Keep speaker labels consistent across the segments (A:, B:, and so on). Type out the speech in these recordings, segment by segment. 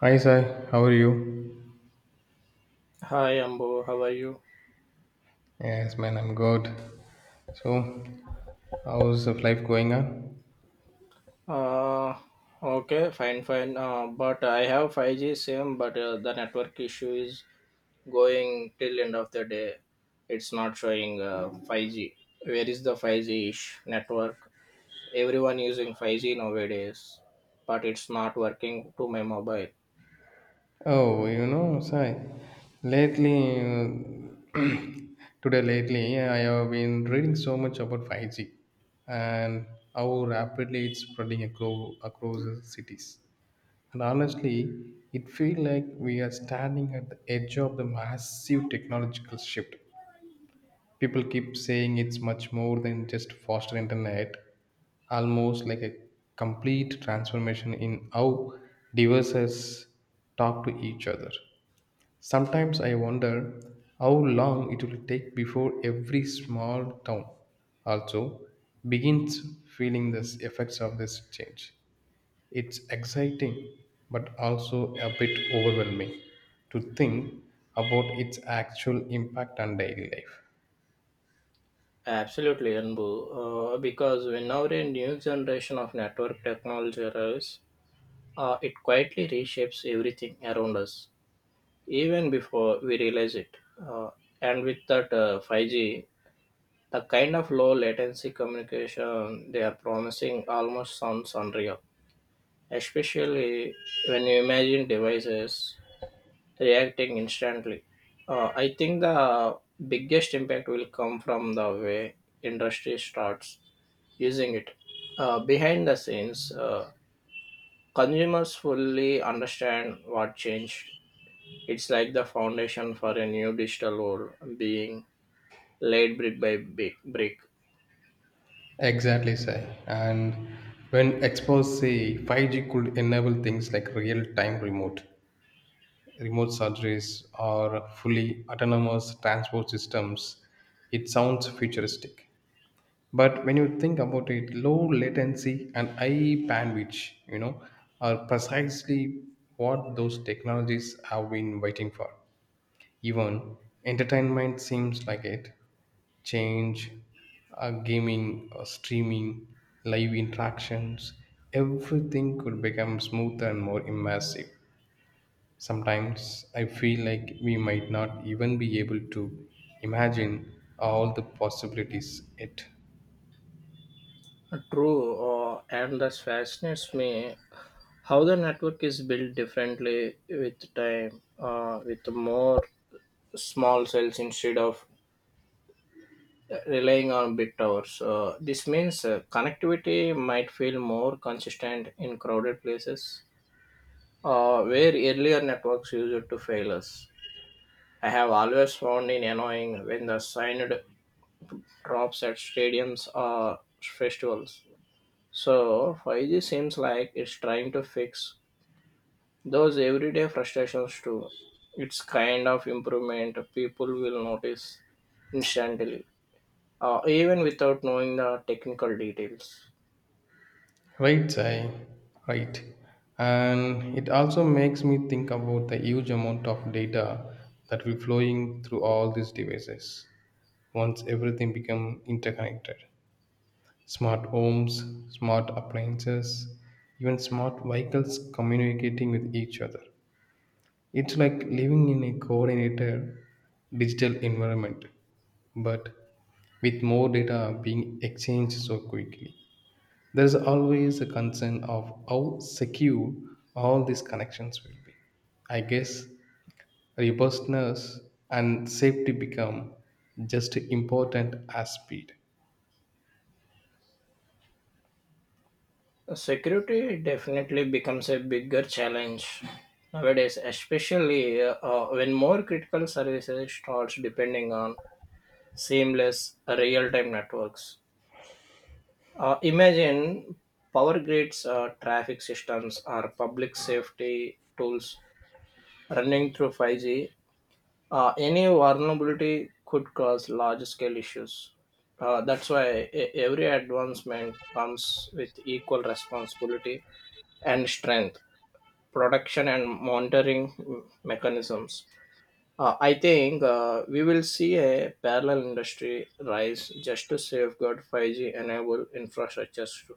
A: Hi, Sai. How are you?
B: Hi Ambo, how are you?
A: Yes, man, I'm good. So, how's the life going on?
B: Uh, okay, fine, fine. But I have 5G SIM, but the network issue is going till end of the day. It's not showing 5G. Where is the 5G-ish network? Everyone using 5G nowadays, but it's not working to my mobile.
A: Oh, Sai, lately, today lately, I have been reading so much about 5G and how rapidly it's spreading across the cities. And honestly, it feels like we are standing at the edge of the massive technological shift. People keep saying it's much more than just faster internet, almost like a complete transformation in how devices talk to each other. Sometimes I wonder how long it will take before every small town also begins feeling the effects of this change. It's exciting, but also a bit overwhelming to think about its actual impact on daily life.
B: Absolutely, Ambo. Because whenever a new generation of network technology arrives, it quietly reshapes everything around us even before we realize it. Uh, and with that 5G, the kind of low latency communication they are promising almost sounds unreal, especially when you imagine devices reacting instantly. I think the biggest impact will come from the way industry starts using it. Behind the scenes, consumers fully understand what changed. It's like the foundation for a new digital world being laid brick by brick.
A: Exactly, Sai. And when exposed, say 5G could enable things like real-time remote surgeries, or fully autonomous transport systems. It sounds futuristic, but when you think about it, low latency and high bandwidth, are precisely what those technologies have been waiting for. Even entertainment seems like it. Change, gaming, or streaming, live interactions, everything could become smoother and more immersive. Sometimes I feel like we might not even be able to imagine all the possibilities it.
B: True, and that fascinates me how the network is built differently with time, with more small cells instead of relying on big towers. This means connectivity might feel more consistent in crowded places where earlier networks used to fail us. I have always found it annoying when the signed drops at stadiums or festivals. So 5G seems like it's trying to fix those everyday frustrations too. It's kind of improvement people will notice instantly, even without knowing the technical details.
A: Right, Sai. Right. And it also makes me think about the huge amount of data that we're flowing through all these devices. Once everything become interconnected, smart homes, smart appliances, even smart vehicles communicating with each other. It's like living in a coordinated digital environment, but with more data being exchanged so quickly. There is always a concern of how secure all these connections will be. I guess robustness and safety become just important as speed.
B: Security definitely becomes a bigger challenge nowadays, especially when more critical services starts depending on seamless real-time networks. Imagine power grids, traffic systems, or public safety tools running through 5G. Any vulnerability could cause large scale issues. That's why every advancement comes with equal responsibility and strength, production and monitoring mechanisms. I think we will see a parallel industry rise just to safeguard 5G enable infrastructures.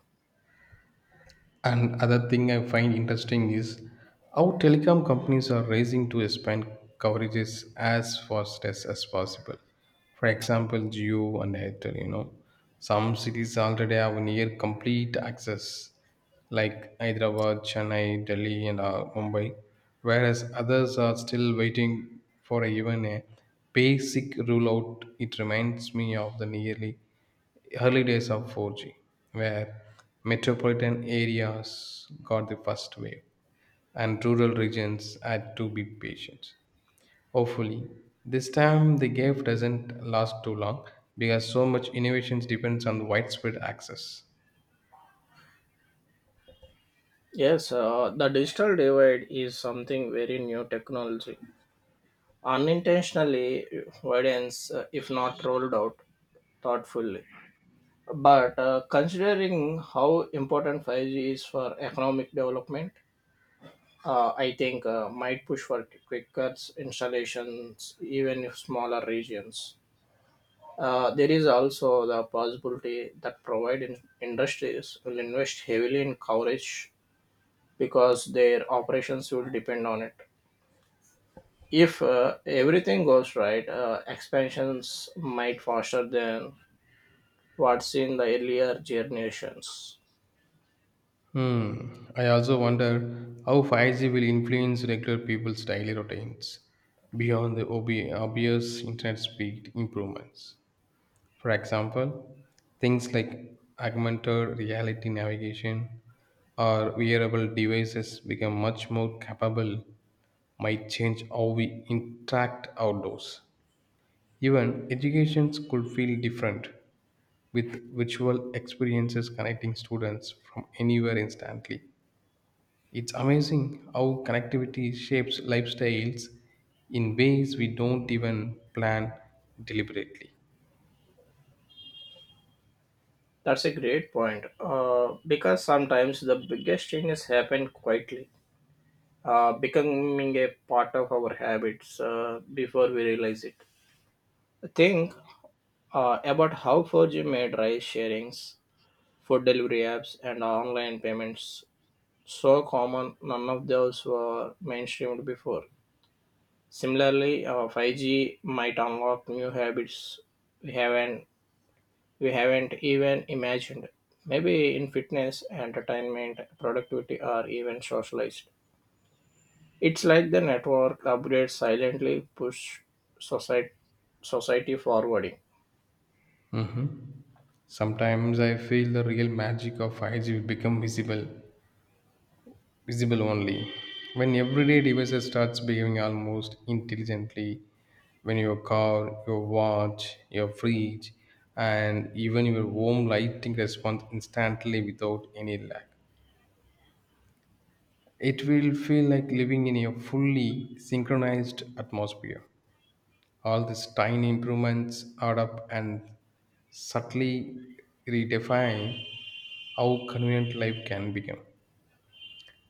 A: And other thing I find interesting is how telecom companies are racing to expand coverages as fast as possible. For example, Jio and Airtel, some cities already have near complete access, like Hyderabad, Chennai, Delhi, and Mumbai, whereas others are still waiting for even a basic rollout. It reminds me of the nearly early days of 4G, where metropolitan areas got the first wave and rural regions had to be patient. Hopefully, this time the gap doesn't last too long because so much innovations depends on widespread access.
B: Yes, the digital divide is something very new technology. Unintentionally widens if not rolled out thoughtfully. But considering how important 5G is for economic development, I think might push for quicker installations even if smaller regions. There is also the possibility that industries will invest heavily in coverage because their operations will depend on it. If everything goes right, expansions might faster than what's in the earlier generations.
A: Hmm. I also wonder how 5G will influence regular people's daily routines beyond the obvious internet speed improvements. For example, things like augmented reality navigation or wearable devices become much more capable might change how we interact outdoors. Even educations could feel different with virtual experiences connecting students from anywhere instantly. It's amazing how connectivity shapes lifestyles in ways we don't even plan deliberately.
B: That's a great point, because sometimes the biggest changes happen quietly, becoming a part of our habits before we realize it. Think about how 4G made rice sharings, food delivery apps, and online payments so common, none of those were mainstreamed before. Similarly, 5G might unlock new habits we haven't we haven't even imagined. Maybe in fitness, entertainment, productivity, or even socialized. It's like the network upgrades silently push society society forwarding.
A: Mhm. Sometimes I feel the real magic of 5G will become visible only when everyday devices starts behaving almost intelligently. When your car, your watch, your fridge, and even your home lighting responds instantly without any lag. It will feel like living in a fully synchronized atmosphere. All these tiny improvements add up and subtly redefine how convenient life can become.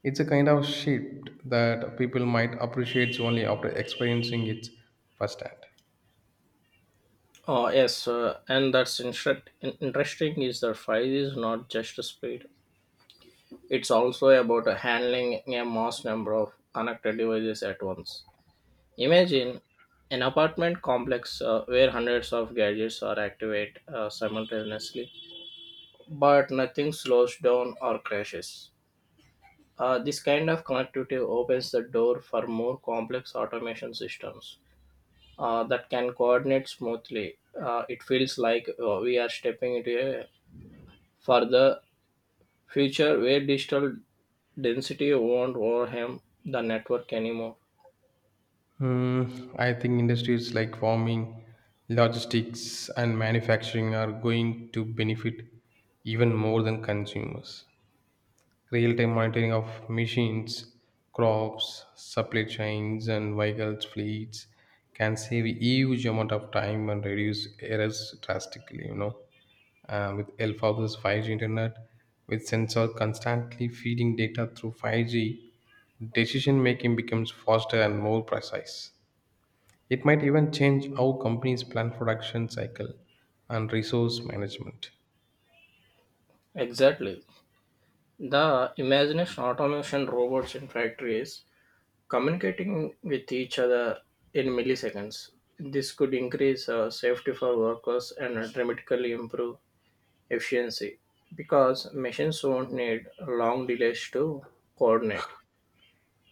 A: It's a kind of shift that people might appreciate only after experiencing it firsthand.
B: Oh yes, and that's interesting is that 5G is not just a speed. It's also about handling a mass number of connected devices at once. Imagine an apartment complex where hundreds of gadgets are activated simultaneously, but nothing slows down or crashes. This kind of connectivity opens the door for more complex automation systems that can coordinate smoothly. It feels like we are stepping into a further future where digital density won't overwhelm the network anymore.
A: Hmm, I think industries like farming, logistics, and manufacturing are going to benefit even more than consumers. Real time monitoring of machines, crops, supply chains, and vehicles fleets can save a huge amount of time and reduce errors drastically. With help of this 5G internet, with sensor constantly feeding data through 5G, decision making becomes faster and more precise. It might even change how companies plan production cycle and resource management.
B: Exactly. The imagination automation robots in factories communicating with each other in milliseconds. This could increase safety for workers and dramatically improve efficiency because machines won't need long delays to coordinate.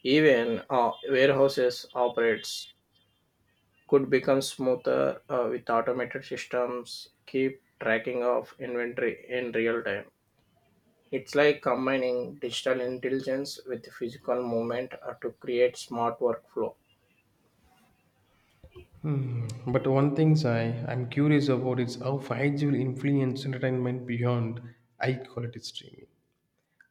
B: Even warehouses operates could become smoother with automated systems keep tracking of inventory in real time. It's like combining digital intelligence with physical movement to create smart workflow.
A: But one thing I'm curious about is how 5G will influence entertainment beyond high quality streaming.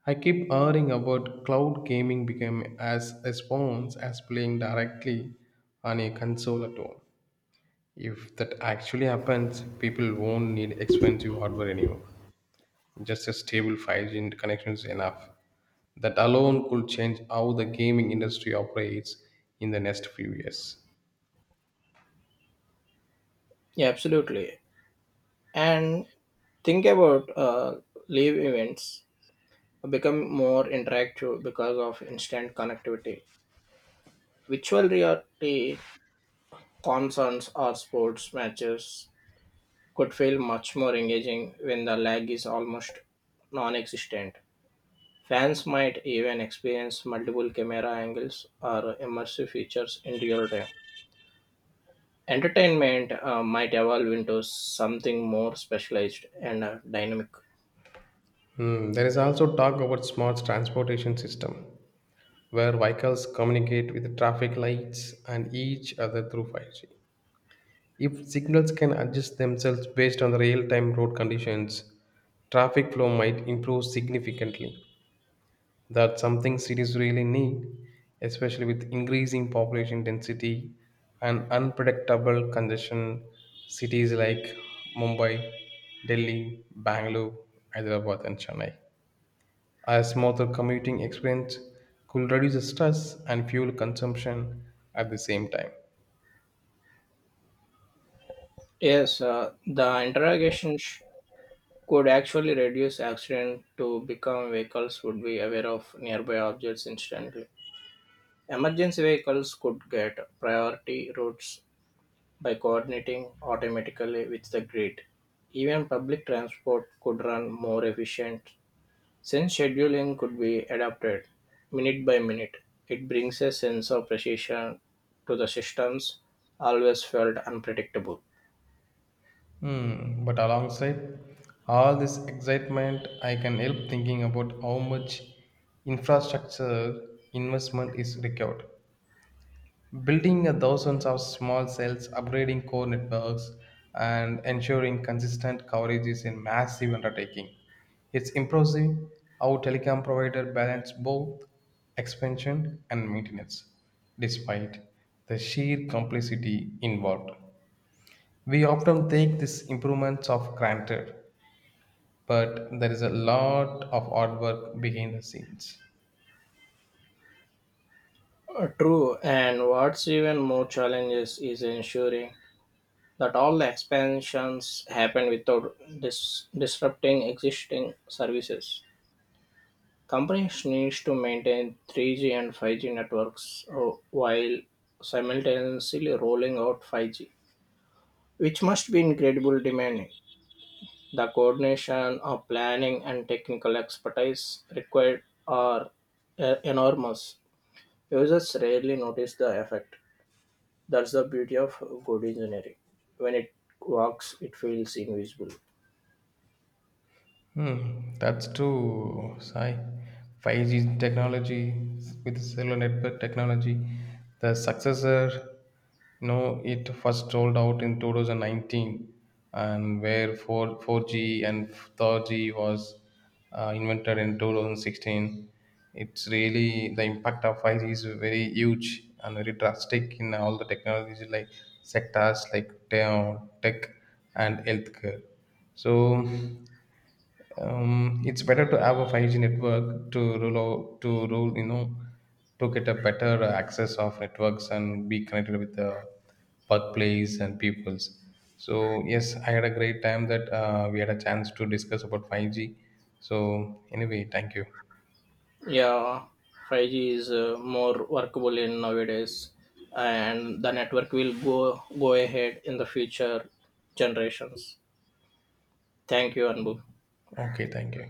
A: I keep hearing about cloud gaming become as response as playing directly on a console at home. If that actually happens, people won't need expensive hardware anymore. Just a stable 5G connection is enough. That alone could change how the gaming industry operates in the next few years.
B: Yeah, absolutely. And think about live events become more interactive because of instant connectivity, virtual reality concerts or sports matches could feel much more engaging when the lag is almost non-existent. Fans might even experience multiple camera angles or immersive features in real time. Entertainment might evolve into something more specialized and dynamic.
A: Hmm, there is also talk about smart transportation system where vehicles communicate with traffic lights and each other through 5G. If signals can adjust themselves based on the real time road conditions, traffic flow might improve significantly. That's something cities really need, especially with increasing population density and unpredictable congestion. Cities like Mumbai, Delhi, Bangalore, Hyderabad, and Chennai. A smoother commuting experience could reduce stress and fuel consumption at the same time.
B: Yes, the interrogation could actually reduce accident to become vehicles would be aware of nearby objects instantly. Emergency vehicles could get priority routes by coordinating automatically with the grid. Even public transport could run more efficient since scheduling could be adapted minute by minute. It brings a sense of precision to the systems always felt unpredictable.
A: Hmm, but alongside all this excitement, I can help thinking about how much infrastructure investment is required. Building a thousands of small cells, upgrading core networks, and ensuring consistent coverage is a massive undertaking. It's impressive how telecom providers balance both expansion and maintenance, despite the sheer complexity involved. We often take these improvements for granted, but there is a lot of hard work behind the scenes.
B: True, and what's even more challenges is ensuring that all the expansions happen without disrupting existing services. Companies need to maintain 3G and 5G networks while simultaneously rolling out 5G, which must be incredibly demanding. The coordination of planning and technical expertise required are enormous. Users rarely notice the effect. That's the beauty of good engineering. When it works, it feels invisible.
A: Hmm, that's true, Sai. 5G technology with cellular network technology, the successor, no, it first rolled out in 2019, and where 4G and 3G was invented in 2016. It's really the impact of 5G is very huge and very drastic in all the technologies like sectors like tech and healthcare. So. It's better to have a 5G network to roll out, to roll, you know to get a better access of networks and be connected with the workplace and peoples. So yes, I had a great time that we had a chance to discuss about 5G. So anyway, thank you.
B: Yeah, 5G is more workable in nowadays, and the network will go ahead in the future generations. Thank you, Anbu.
A: Okay, thank you.